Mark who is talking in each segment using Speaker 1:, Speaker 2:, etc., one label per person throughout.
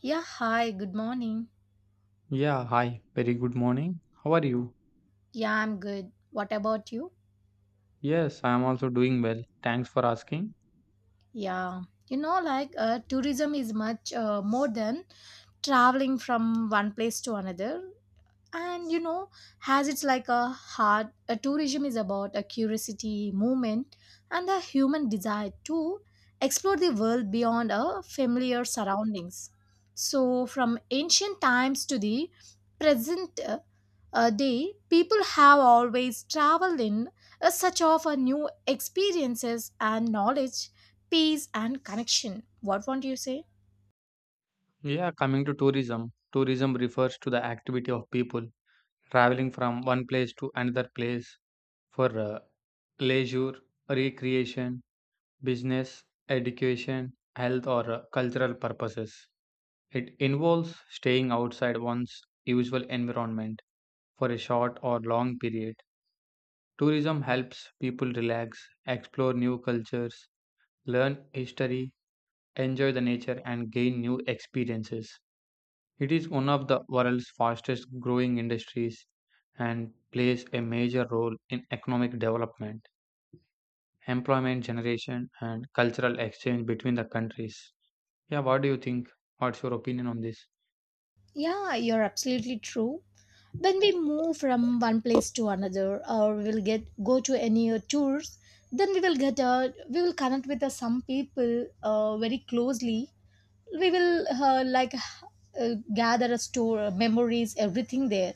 Speaker 1: Yeah, hi, good morning.
Speaker 2: Yeah, hi. Very good morning. How are you?
Speaker 1: Yeah, I'm good. What about you?
Speaker 2: Yes, I am also doing well. Thanks for asking.
Speaker 1: Yeah, like tourism is much more than traveling from one place to another. And has it's like a heart a tourism is about a curiosity movement and a human desire to explore the world beyond our familiar surroundings. So from ancient times to the present day, people have always traveled in a search of a new experiences and knowledge, peace and connection. What won't you say?
Speaker 2: Yeah, coming to tourism. Tourism refers to the activity of people, Traveling from one place to another place for leisure, recreation, business, education, health, or cultural purposes. It involves staying outside one's usual environment for a short or long period. Tourism helps people relax, explore new cultures, learn history, enjoy the nature, and gain new experiences. It is one of the world's fastest growing industries and plays a major role in economic development, employment generation, and cultural exchange between the countries. Yeah, what do you think? What's your opinion on this?
Speaker 1: Yeah, you're absolutely true. When we move from one place to another, or we'll get go to any tours, then we will connect with some people very closely. We will like gather a store memories, everything there,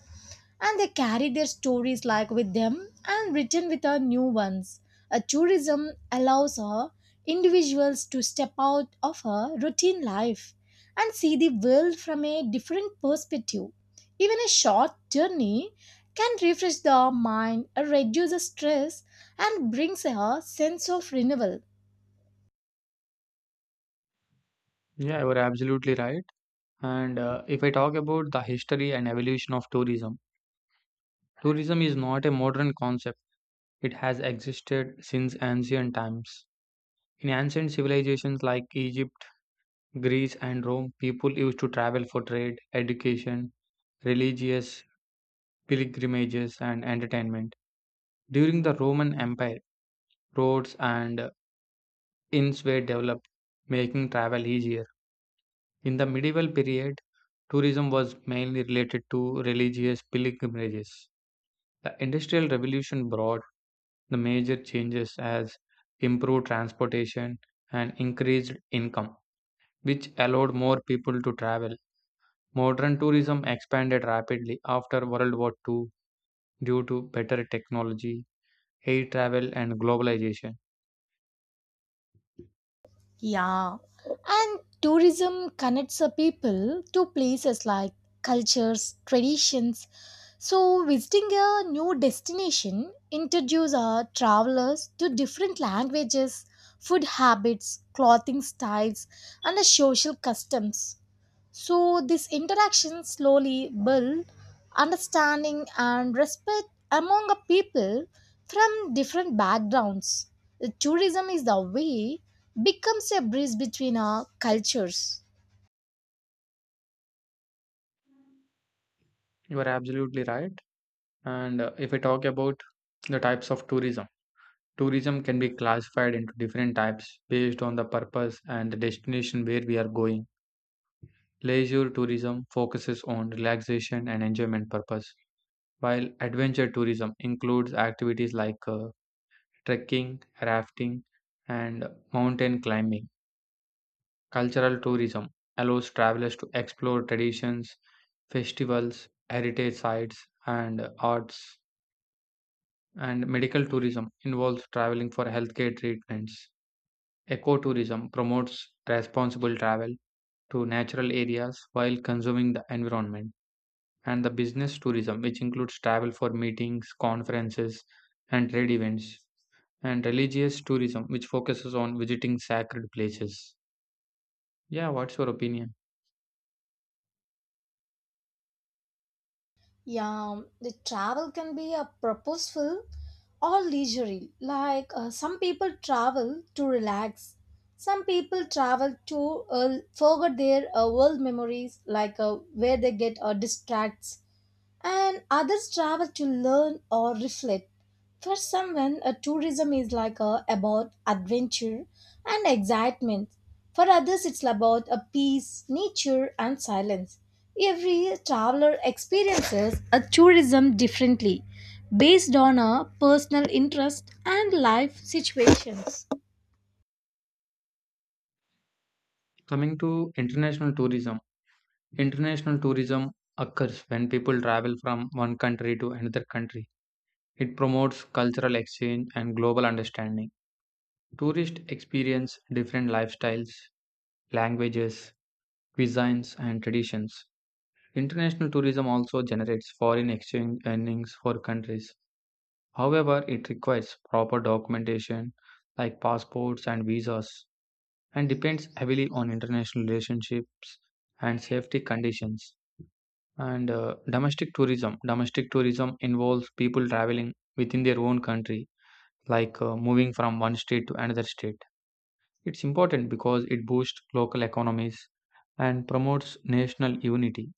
Speaker 1: and they carry their stories like with them and written with our new ones. A tourism allows individuals to step out of a routine life and see the world from a different perspective. Even a short journey can refresh the mind, reduce the stress, and brings a sense of renewal.
Speaker 2: Yeah, you are absolutely right. And if I talk about the history and evolution of tourism, tourism is not a modern concept. It has existed since ancient times. In ancient civilizations like Egypt, Greece, and Rome, people used to travel for trade, education, religious pilgrimages, and entertainment. During the Roman Empire, roads and inns were developed, making travel easier. In the medieval period, tourism was mainly related to religious pilgrimages. The Industrial Revolution brought the major changes as improved transportation and increased income, which allowed more people to travel. Modern tourism expanded rapidly after World War II due to better technology, air travel, and globalization.
Speaker 1: Yeah, and tourism connects the people to places like cultures, traditions. So, visiting a new destination introduces our travelers to different languages, food habits, clothing styles, and the social customs. So this interaction slowly build understanding and respect among a people from different backgrounds. Tourism is the way becomes a bridge between our cultures.
Speaker 2: You are absolutely right. And if I talk about the types of tourism, tourism can be classified into different types based on the purpose and the destination where we are going. Leisure tourism focuses on relaxation and enjoyment purpose, while adventure tourism includes activities like trekking, rafting, and mountain climbing. Cultural tourism allows travelers to explore traditions, festivals, heritage sites, and arts. And medical tourism involves traveling for healthcare treatments. Ecotourism promotes responsible travel to natural areas while consuming the environment. And the business tourism, which includes travel for meetings, conferences, and trade events. And religious tourism, which focuses on visiting sacred places. Yeah, what's your opinion?
Speaker 1: Yeah, the travel can be a purposeful or leisurely. Like some people travel to relax. Some people travel to forget their world memories, like where they get distracts, and others travel to learn or reflect. For someone, a tourism is like about adventure and excitement. For others, it's about a peace, nature, and silence. Every traveler experiences a tourism differently, based on a personal interest and life situations.
Speaker 2: Coming to international tourism, international tourism occurs when people travel from one country to another country. It promotes cultural exchange and global understanding. Tourists experience different lifestyles, languages, cuisines, and traditions. International tourism also generates foreign exchange earnings for countries. However, it requires proper documentation like passports and visas, and depends heavily on international relationships and safety conditions. And domestic tourism. Domestic tourism involves people traveling within their own country, like moving from one state to another state. It's important because it boosts local economies and promotes national unity.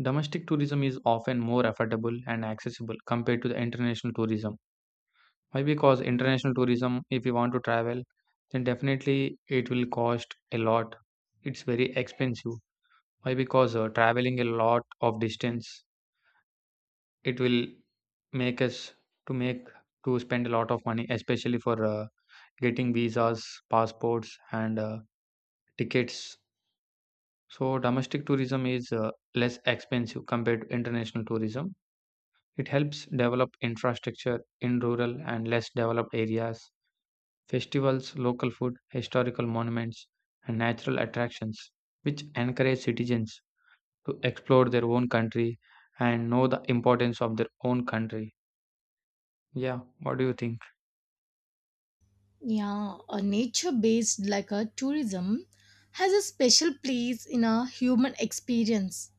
Speaker 2: Domestic tourism is often more affordable and accessible compared to the international tourism. Why? Because international tourism, if you want to travel, then definitely it will cost a lot. It's very expensive. Why? Because traveling a lot of distance, it will make us to make to spend a lot of money, especially for getting visas, passports, and tickets. So domestic tourism is less expensive compared to international tourism. It helps develop infrastructure in rural and less developed areas, festivals, local food, historical monuments, and natural attractions, which encourage citizens to explore their own country and know the importance of their own country. Yeah, what do you think?
Speaker 1: Yeah, a nature based like a tourism has a special place in a human experience.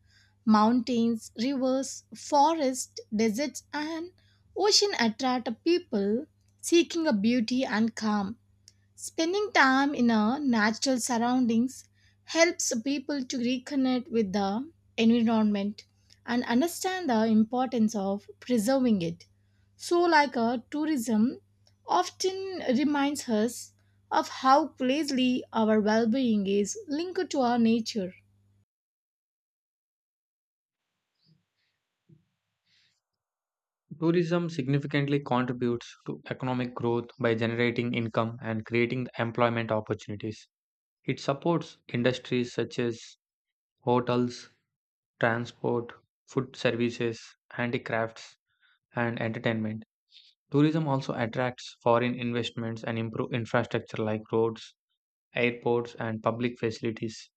Speaker 1: Mountains, rivers, forests, deserts, and ocean attract people seeking a beauty and calm. Spending time in a natural surroundings helps people to reconnect with the environment and understand the importance of preserving it. So, like a tourism, often reminds us of how closely our well-being is linked to our nature.
Speaker 2: Tourism significantly contributes to economic growth by generating income and creating employment opportunities. It supports industries such as hotels, transport, food services, handicrafts, and entertainment. Tourism also attracts foreign investments and improve infrastructure like roads, airports, and public facilities.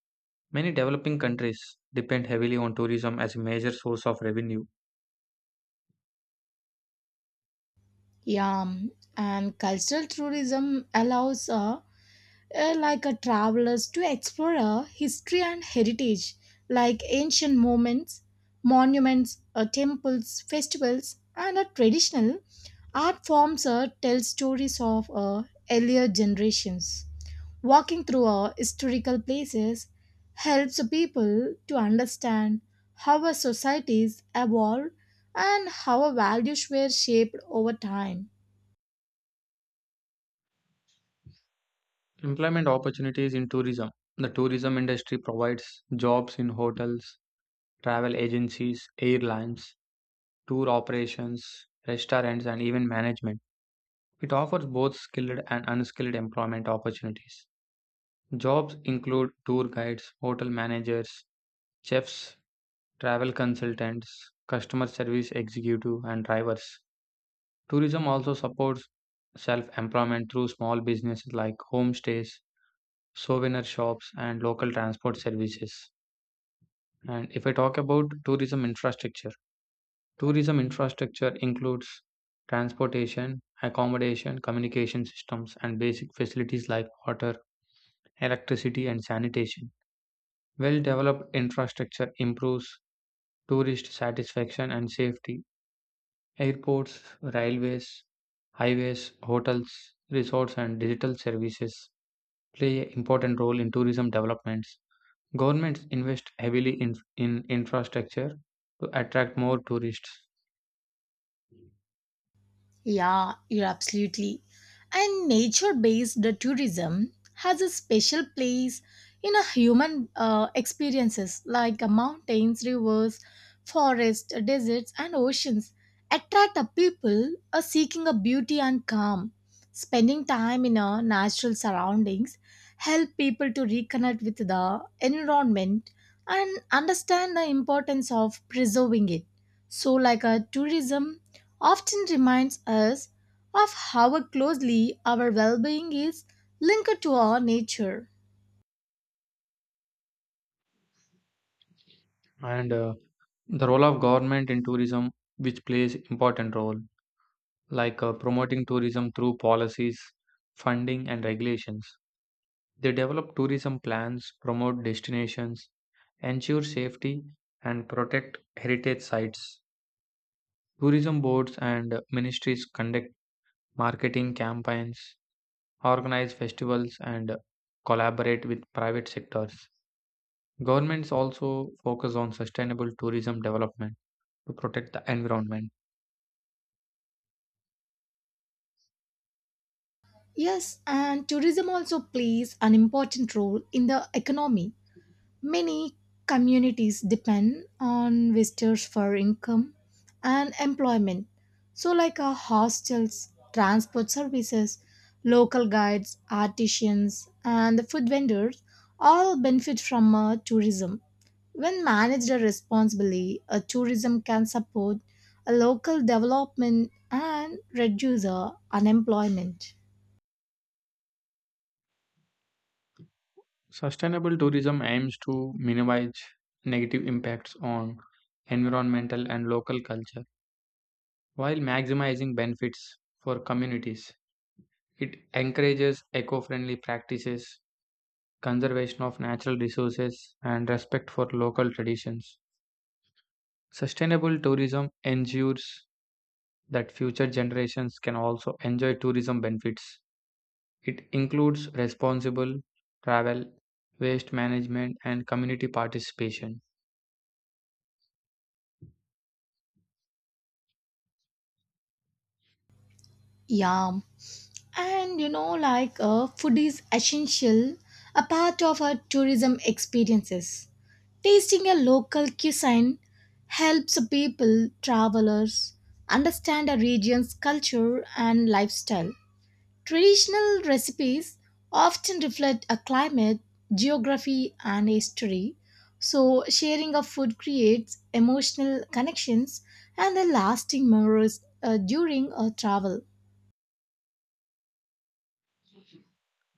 Speaker 2: Many developing countries depend heavily on tourism as a major source of revenue.
Speaker 1: Yeah, and cultural tourism allows like a travelers to explore history and heritage, like ancient moments, monuments, temples, festivals, and a traditional art forms tell stories of earlier generations. Walking through historical places helps people to understand how our societies evolved and how our values were shaped over time.
Speaker 2: Employment opportunities in tourism. The tourism industry provides jobs in hotels, travel agencies, airlines, tour operations, restaurants, and even management. It offers both skilled and unskilled employment opportunities. Jobs include tour guides, hotel managers, chefs, travel consultants, customer service executive, and drivers. Tourism also supports self employment through small businesses like homestays, souvenir shops, and local transport services. And if I talk about tourism infrastructure includes transportation, accommodation, communication systems, and basic facilities like water, electricity, and sanitation. Well developed infrastructure improves tourist satisfaction and safety. Airports, railways, highways, hotels, resorts, and digital services play an important role in tourism developments. Governments invest heavily in infrastructure to attract more tourists,
Speaker 1: Yeah, you're absolutely. And nature based tourism has a special place in a human experiences like mountains, rivers, forests, deserts, and oceans attract a people seeking a beauty and calm. Spending time in a natural surroundings help people to reconnect with the environment and understand the importance of preserving it. So, like a tourism often reminds us of how closely our well being is linked to our nature.
Speaker 2: and the role of government in tourism, which plays important role, like promoting tourism through policies, funding, and regulations. They develop tourism plans, promote destinations, ensure safety, and protect heritage sites. Tourism boards and ministries conduct marketing campaigns, organize festivals, and collaborate with private sectors. Governments also focus on sustainable tourism development to protect the environment.
Speaker 1: Yes, and tourism also plays an important role in the economy. Many communities depend on visitors for income and employment. So, like hostels, transport services, local guides, artisans, and the food vendors all benefit from tourism. When managed responsibly, a tourism can support a local development and reduce unemployment.
Speaker 2: Sustainable tourism aims to minimize negative impacts on environmental and local culture while maximizing benefits for communities. It encourages eco friendly practices, conservation of natural resources, and respect for local traditions. Sustainable tourism ensures that future generations can also enjoy tourism benefits. It includes responsible travel, waste management, and community participation.
Speaker 1: Yeah. And like food is essential, a part of our tourism experiences. Tasting a local cuisine helps people, travelers, understand a region's culture and lifestyle. Traditional recipes often reflect a climate, geography, and history. So, sharing of food creates emotional connections and a lasting memories during a travel.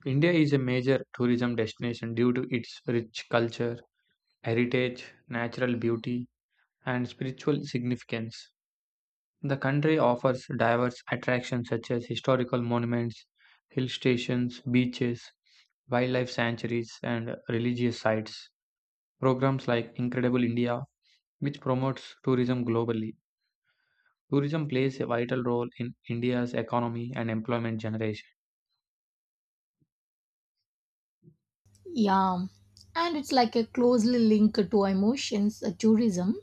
Speaker 2: India is a major tourism destination due to its rich culture, heritage, natural beauty, and spiritual significance. The country offers diverse attractions such as historical monuments, hill stations, beaches, wildlife sanctuaries, and religious sites. Programs like Incredible India, which promotes tourism globally. Tourism plays a vital role in India's economy and employment generation.
Speaker 1: Yeah, and it's like a closely linked to emotions, a tourism.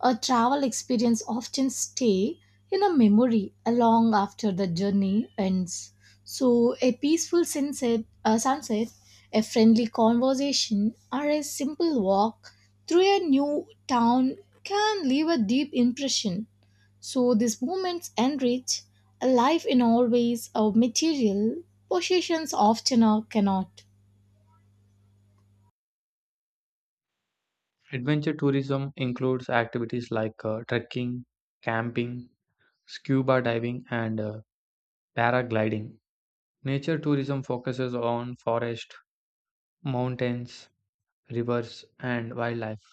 Speaker 1: A travel experience often stay in a memory long after the journey ends. So a peaceful sunset, a friendly conversation, or a simple walk through a new town can leave a deep impression. So these moments enrich a life in all ways. Our material possessions often cannot.
Speaker 2: Adventure tourism includes activities like trekking, camping, scuba diving, and paragliding. Nature tourism focuses on forest, mountains, rivers, and wildlife.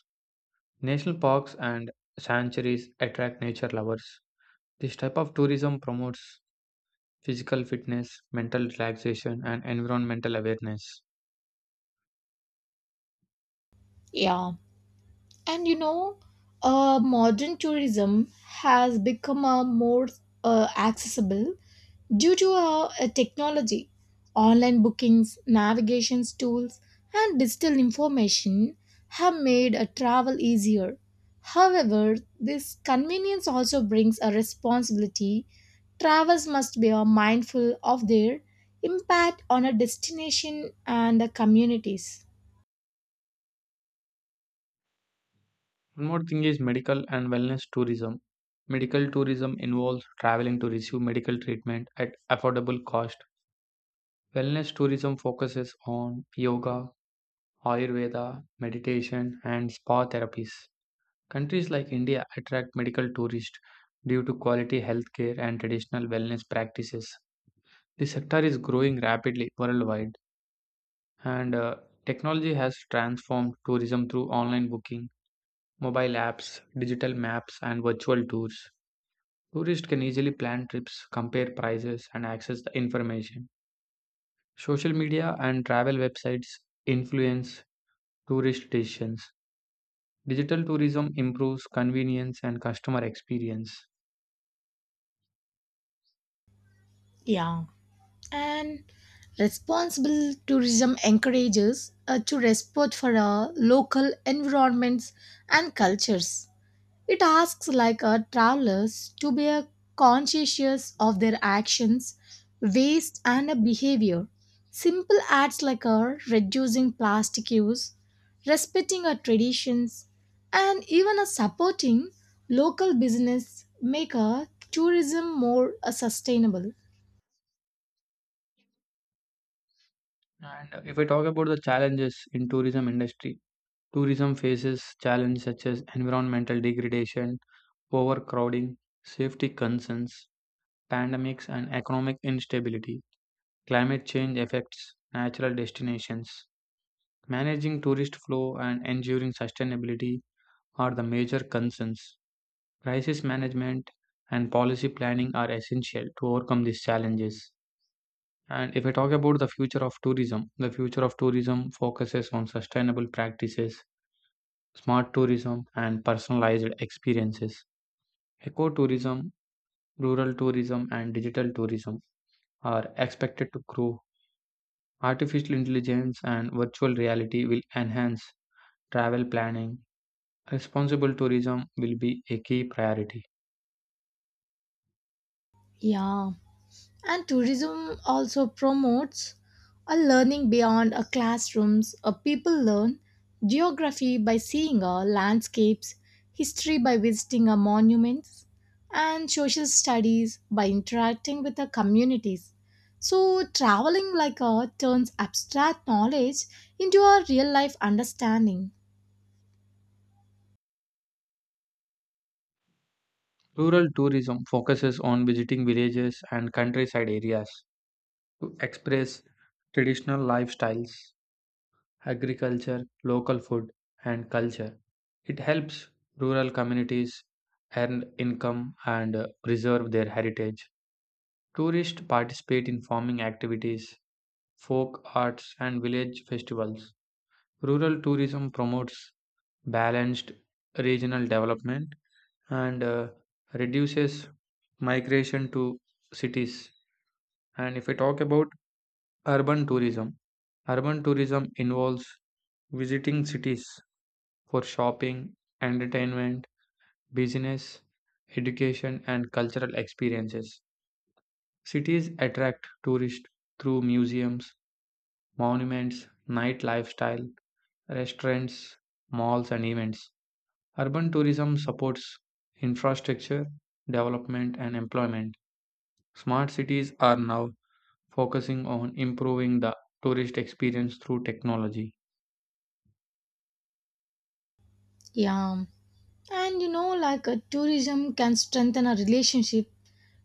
Speaker 2: National parks and sanctuaries attract nature lovers. This type of tourism promotes physical fitness, mental relaxation, and environmental awareness.
Speaker 1: Yeah. And modern tourism has become a more accessible due to technology, online bookings, navigation tools, and digital information have made a travel easier. However, this convenience also brings a responsibility. Travelers must be mindful of their impact on a destination and the communities.
Speaker 2: One more thing is medical and wellness tourism. Medical tourism involves traveling to receive medical treatment at affordable cost. Wellness tourism focuses on yoga, Ayurveda, meditation, and spa therapies. Countries like India attract medical tourists due to quality healthcare and traditional wellness practices. The sector is growing rapidly worldwide, and technology has transformed tourism through online booking, mobile apps, digital maps, and virtual tours. Tourists can easily plan trips, compare prices, and access the information. Social media and travel websites influence tourist decisions. Digital tourism improves convenience and customer experience.
Speaker 1: Yeah. And responsible tourism encourages to respect for local environments and cultures. It asks like travelers to be conscientious of their actions, waste, and behavior. Simple acts like reducing plastic use, respecting our traditions, and even supporting local business make tourism more sustainable.
Speaker 2: And if I talk about the challenges in tourism industry, tourism faces challenges such as environmental degradation, overcrowding, safety concerns, pandemics, and economic instability. Climate change affects natural destinations. Managing tourist flow and ensuring sustainability are the major concerns. Crisis management and policy planning are essential to overcome these challenges. And if I talk about the future of tourism, the future of tourism focuses on sustainable practices, smart tourism, and personalized experiences. Ecotourism, rural tourism, and digital tourism are expected to grow. Artificial intelligence and virtual reality will enhance travel planning. Responsible tourism will be a key priority.
Speaker 1: Yeah. And tourism also promotes a learning beyond a classrooms. A people learn geography by seeing a landscapes, history by visiting a monuments, and social studies by interacting with the communities. So traveling like a turns abstract knowledge into a real life understanding.
Speaker 2: Rural tourism focuses on visiting villages and countryside areas to express traditional lifestyles, agriculture, local food, and culture. It helps rural communities earn income and preserve their heritage. Tourists participate in farming activities, folk arts, and village festivals. Rural tourism promotes balanced regional development and reduces migration to cities. And if I talk about urban tourism, urban tourism involves visiting cities for shopping, entertainment, business, education, and cultural experiences. Cities attract tourists through museums, monuments, night lifestyle, restaurants, malls, and events. Urban tourism supports infrastructure, development, and employment. Smart cities are now focusing on improving the tourist experience through technology.
Speaker 1: Yeah. And like a tourism can strengthen a relationship.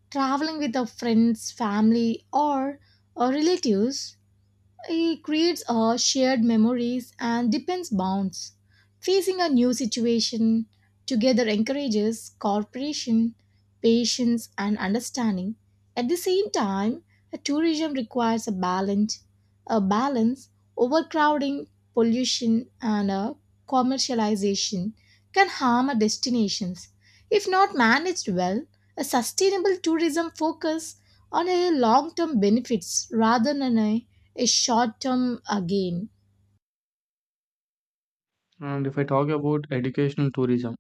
Speaker 1: Traveling with our friends, family, or relatives, it creates shared memories and depends bonds. Facing a new situation together encourages cooperation, patience, and understanding. At the same time, a tourism requires a balance, a balance, overcrowding, pollution, and commercialization can harm our destinations. If not managed well, a sustainable tourism focus on a long-term benefits rather than a short term gain.
Speaker 2: And if I talk about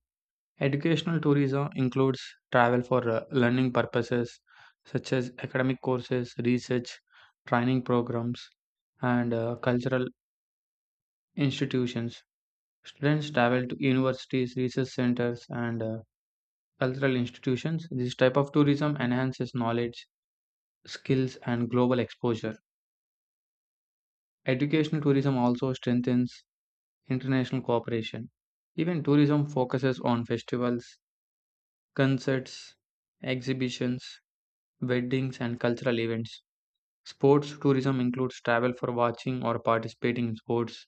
Speaker 2: educational tourism includes travel for learning purposes such as academic courses, research, training programs, and cultural institutions. Students travel to universities, research centers, and cultural institutions. This type of tourism enhances knowledge, skills, and global exposure. Educational tourism also strengthens international cooperation. Even tourism focuses on festivals, concerts, exhibitions, weddings, and cultural events. Sports tourism includes travel for watching or participating in sports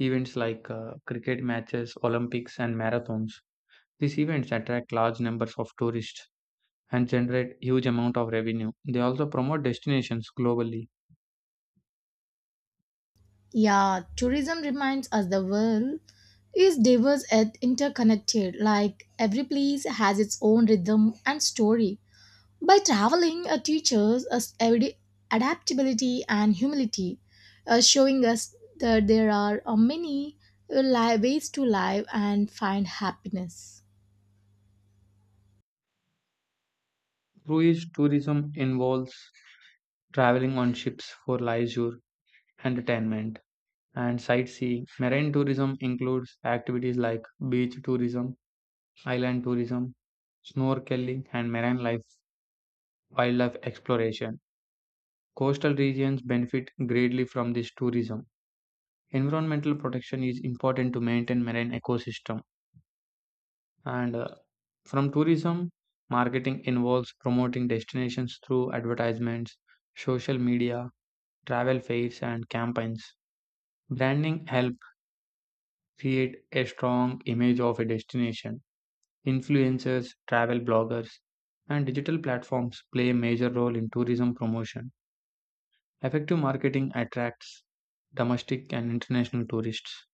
Speaker 2: events like cricket matches, Olympics, and marathons. These events attract large numbers of tourists and generate huge amount of revenue. They also promote destinations globally.
Speaker 1: Yeah, tourism reminds us the world is diverse and interconnected, like every place has its own rhythm and story. By traveling, it teaches us everyday adaptability and humility, showing us that there are many ways to live and find happiness.
Speaker 2: Cruise tourism involves traveling on ships for leisure, entertainment, and sightseeing. Marine tourism includes activities like beach tourism, island tourism, snorkeling, and marine life wildlife exploration. Coastal regions benefit greatly from this tourism. Environmental protection is important to maintain marine ecosystem and from tourism marketing involves promoting destinations through advertisements, social media, travel fairs, and campaigns. Branding helps create a strong image of a destination. Influencers, travel bloggers, and digital platforms play a major role in tourism promotion. Effective marketing attracts domestic and international tourists.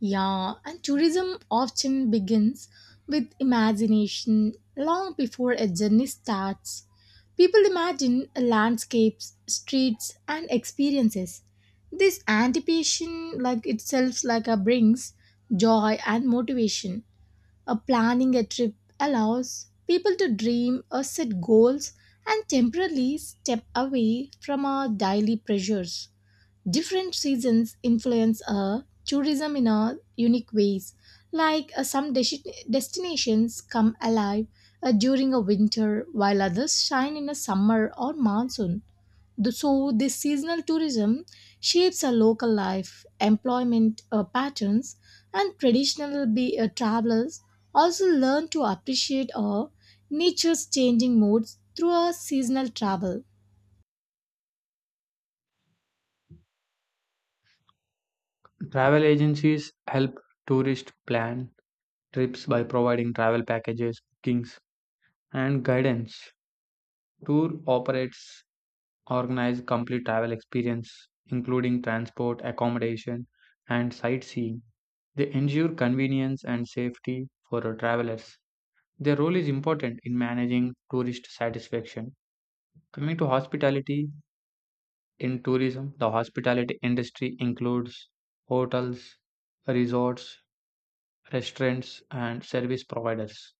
Speaker 1: Yeah, and tourism often begins with imagination long before a journey starts. People imagine landscapes, streets, and experiences. This anticipation, like itself, like a brings joy and motivation. A planning a trip allows people to dream or set goals and temporarily step away from our daily pressures. Different seasons influence tourism in a unique ways, like some destinations come alive during a winter while others shine in a summer or monsoon. So this seasonal tourism shapes a local life, employment patterns, and traditional travelers also learn to appreciate nature's changing moods through a seasonal travel.
Speaker 2: Travel agencies help tourists plan trips by providing travel packages, bookings, and guidance. Tour operates organize complete travel experience, including transport, accommodation, and sightseeing. They ensure convenience and safety for our travelers. Their role is important in managing tourist satisfaction. Coming to hospitality in tourism, the hospitality industry includes hotels, resorts, restaurants, and service providers.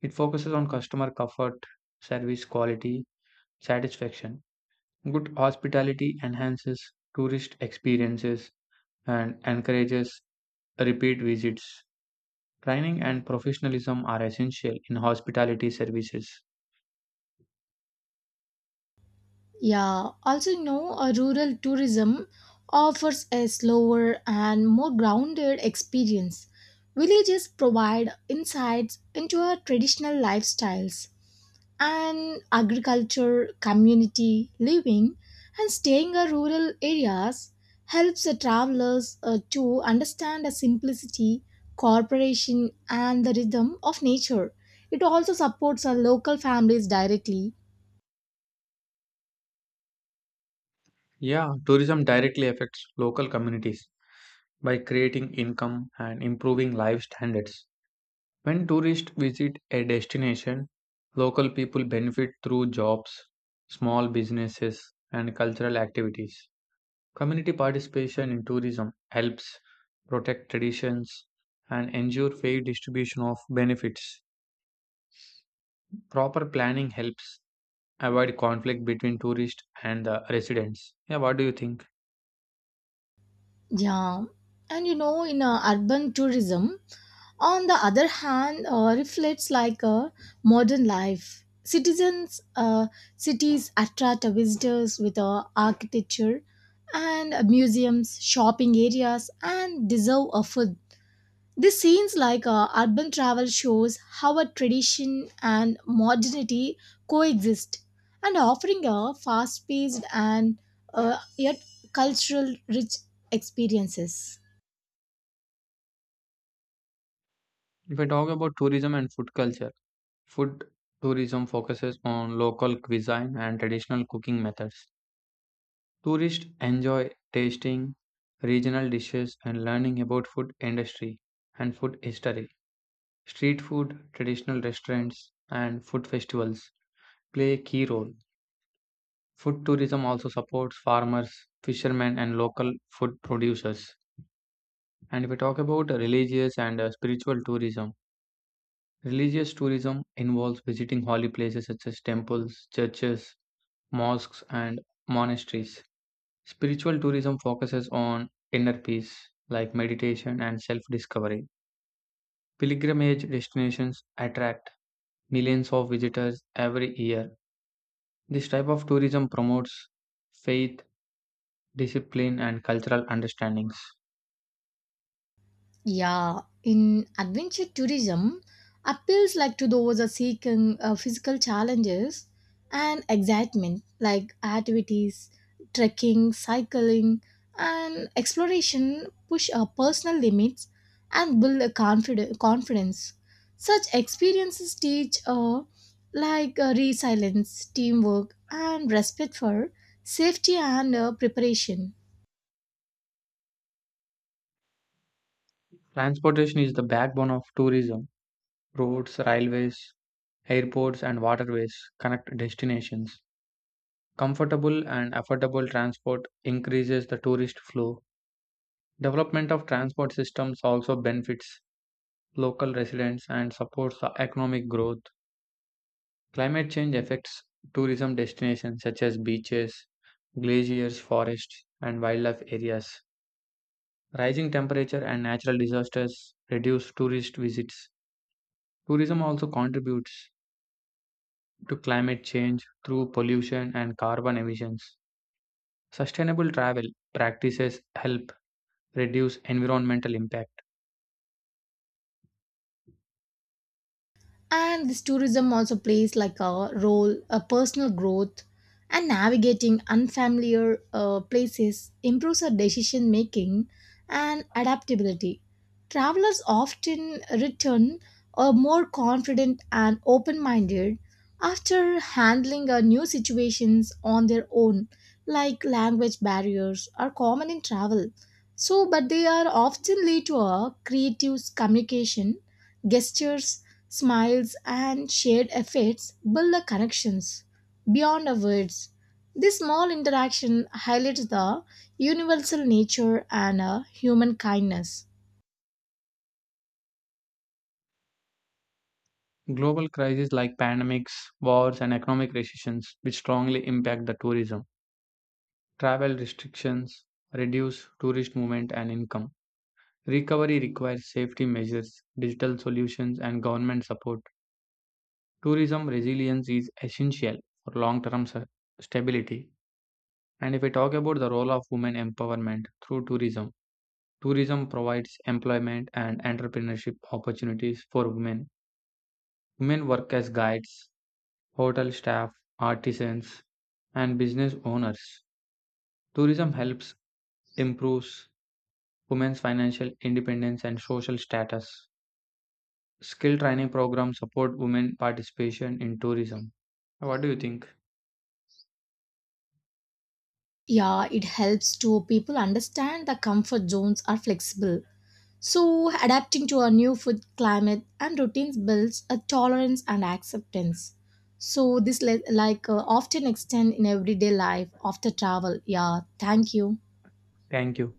Speaker 2: It focuses on customer comfort, service quality, satisfaction. Good hospitality enhances tourist experiences and encourages repeat visits. Training and professionalism are essential in hospitality services.
Speaker 1: Yeah, also, a rural tourism offers a slower and more grounded experience. Villages provide insights into our traditional lifestyles and agriculture, community living, and staying in rural areas helps the travelers to understand the simplicity, cooperation, and the rhythm of nature. It also supports our local families directly.
Speaker 2: Yeah, tourism directly affects local communities by creating income and improving life standards. When tourists visit a destination, local people benefit through jobs, small businesses, and cultural activities. Community participation in tourism helps protect traditions and ensure fair distribution of benefits. Proper planning helps avoid conflict between tourists and the residents. Yeah, what do you think?
Speaker 1: Yeah, and in urban tourism, on the other hand, reflects like a modern life. Cities attract visitors with architecture and museums, shopping areas, and deserve a food. These scenes, like urban travel, shows how a tradition and modernity coexist, and offering a fast-paced and yet cultural rich experiences.
Speaker 2: If I talk about tourism and food culture, food tourism focuses on local cuisine and traditional cooking methods. Tourists enjoy tasting regional dishes and learning about food industry and food history. Street food, traditional restaurants, and food festivals play a key role. Food tourism also supports farmers, fishermen, and local food producers. And if we talk about religious and spiritual tourism, religious tourism involves visiting holy places such as temples, churches, mosques, and monasteries. Spiritual tourism focuses on inner peace, like meditation and self discovery. Pilgrimage destinations attract millions of visitors every year. This type of tourism promotes faith, discipline, and cultural understandings.
Speaker 1: Yeah, in adventure tourism, appeals like to those are seeking physical challenges and excitement like activities, trekking, cycling, and exploration push our personal limits and build a confidence. Such experiences teach like resilience, teamwork, and respect for safety and preparation.
Speaker 2: Transportation is the backbone of tourism. Roads, railways, airports, and waterways connect destinations. Comfortable and affordable transport increases the tourist flow. Development of transport systems also benefits local residents and supports the economic growth. Climate change affects tourism destinations such as beaches, glaciers, forests, and wildlife areas. Rising temperature and natural disasters reduce tourist visits. Tourism also contributes to climate change through pollution and carbon emissions. Sustainable travel practices help reduce environmental impact.
Speaker 1: And this tourism also plays like a role a personal growth, and navigating unfamiliar places improves our decision making and adaptability. Travelers often return more confident and open minded after handling new situations on their own. Like language barriers are common in travel, so, but they are often lead to a creative communication, gestures, smiles, and shared efforts build the connections beyond the words. This small interaction highlights the universal nature and human kindness.
Speaker 2: Global crises like pandemics, wars, and economic recessions, which strongly impact the tourism. Travel restrictions reduce tourist movement and income. Recovery requires safety measures, digital solutions, and government support. Tourism resilience is essential for long term stability. And if we talk about the role of women empowerment through tourism, tourism provides employment and entrepreneurship opportunities for women. Women work as guides, hotel staff, artisans, and business owners. Tourism helps improves women's financial independence and social status. Skill training programs support women participation in tourism. What do you think?
Speaker 1: Yeah, it helps to people understand the comfort zones are flexible. So, adapting to a new food climate and routines builds a tolerance and acceptance. So, this like often extend in everyday life after travel. Yeah, thank you.
Speaker 2: Thank you.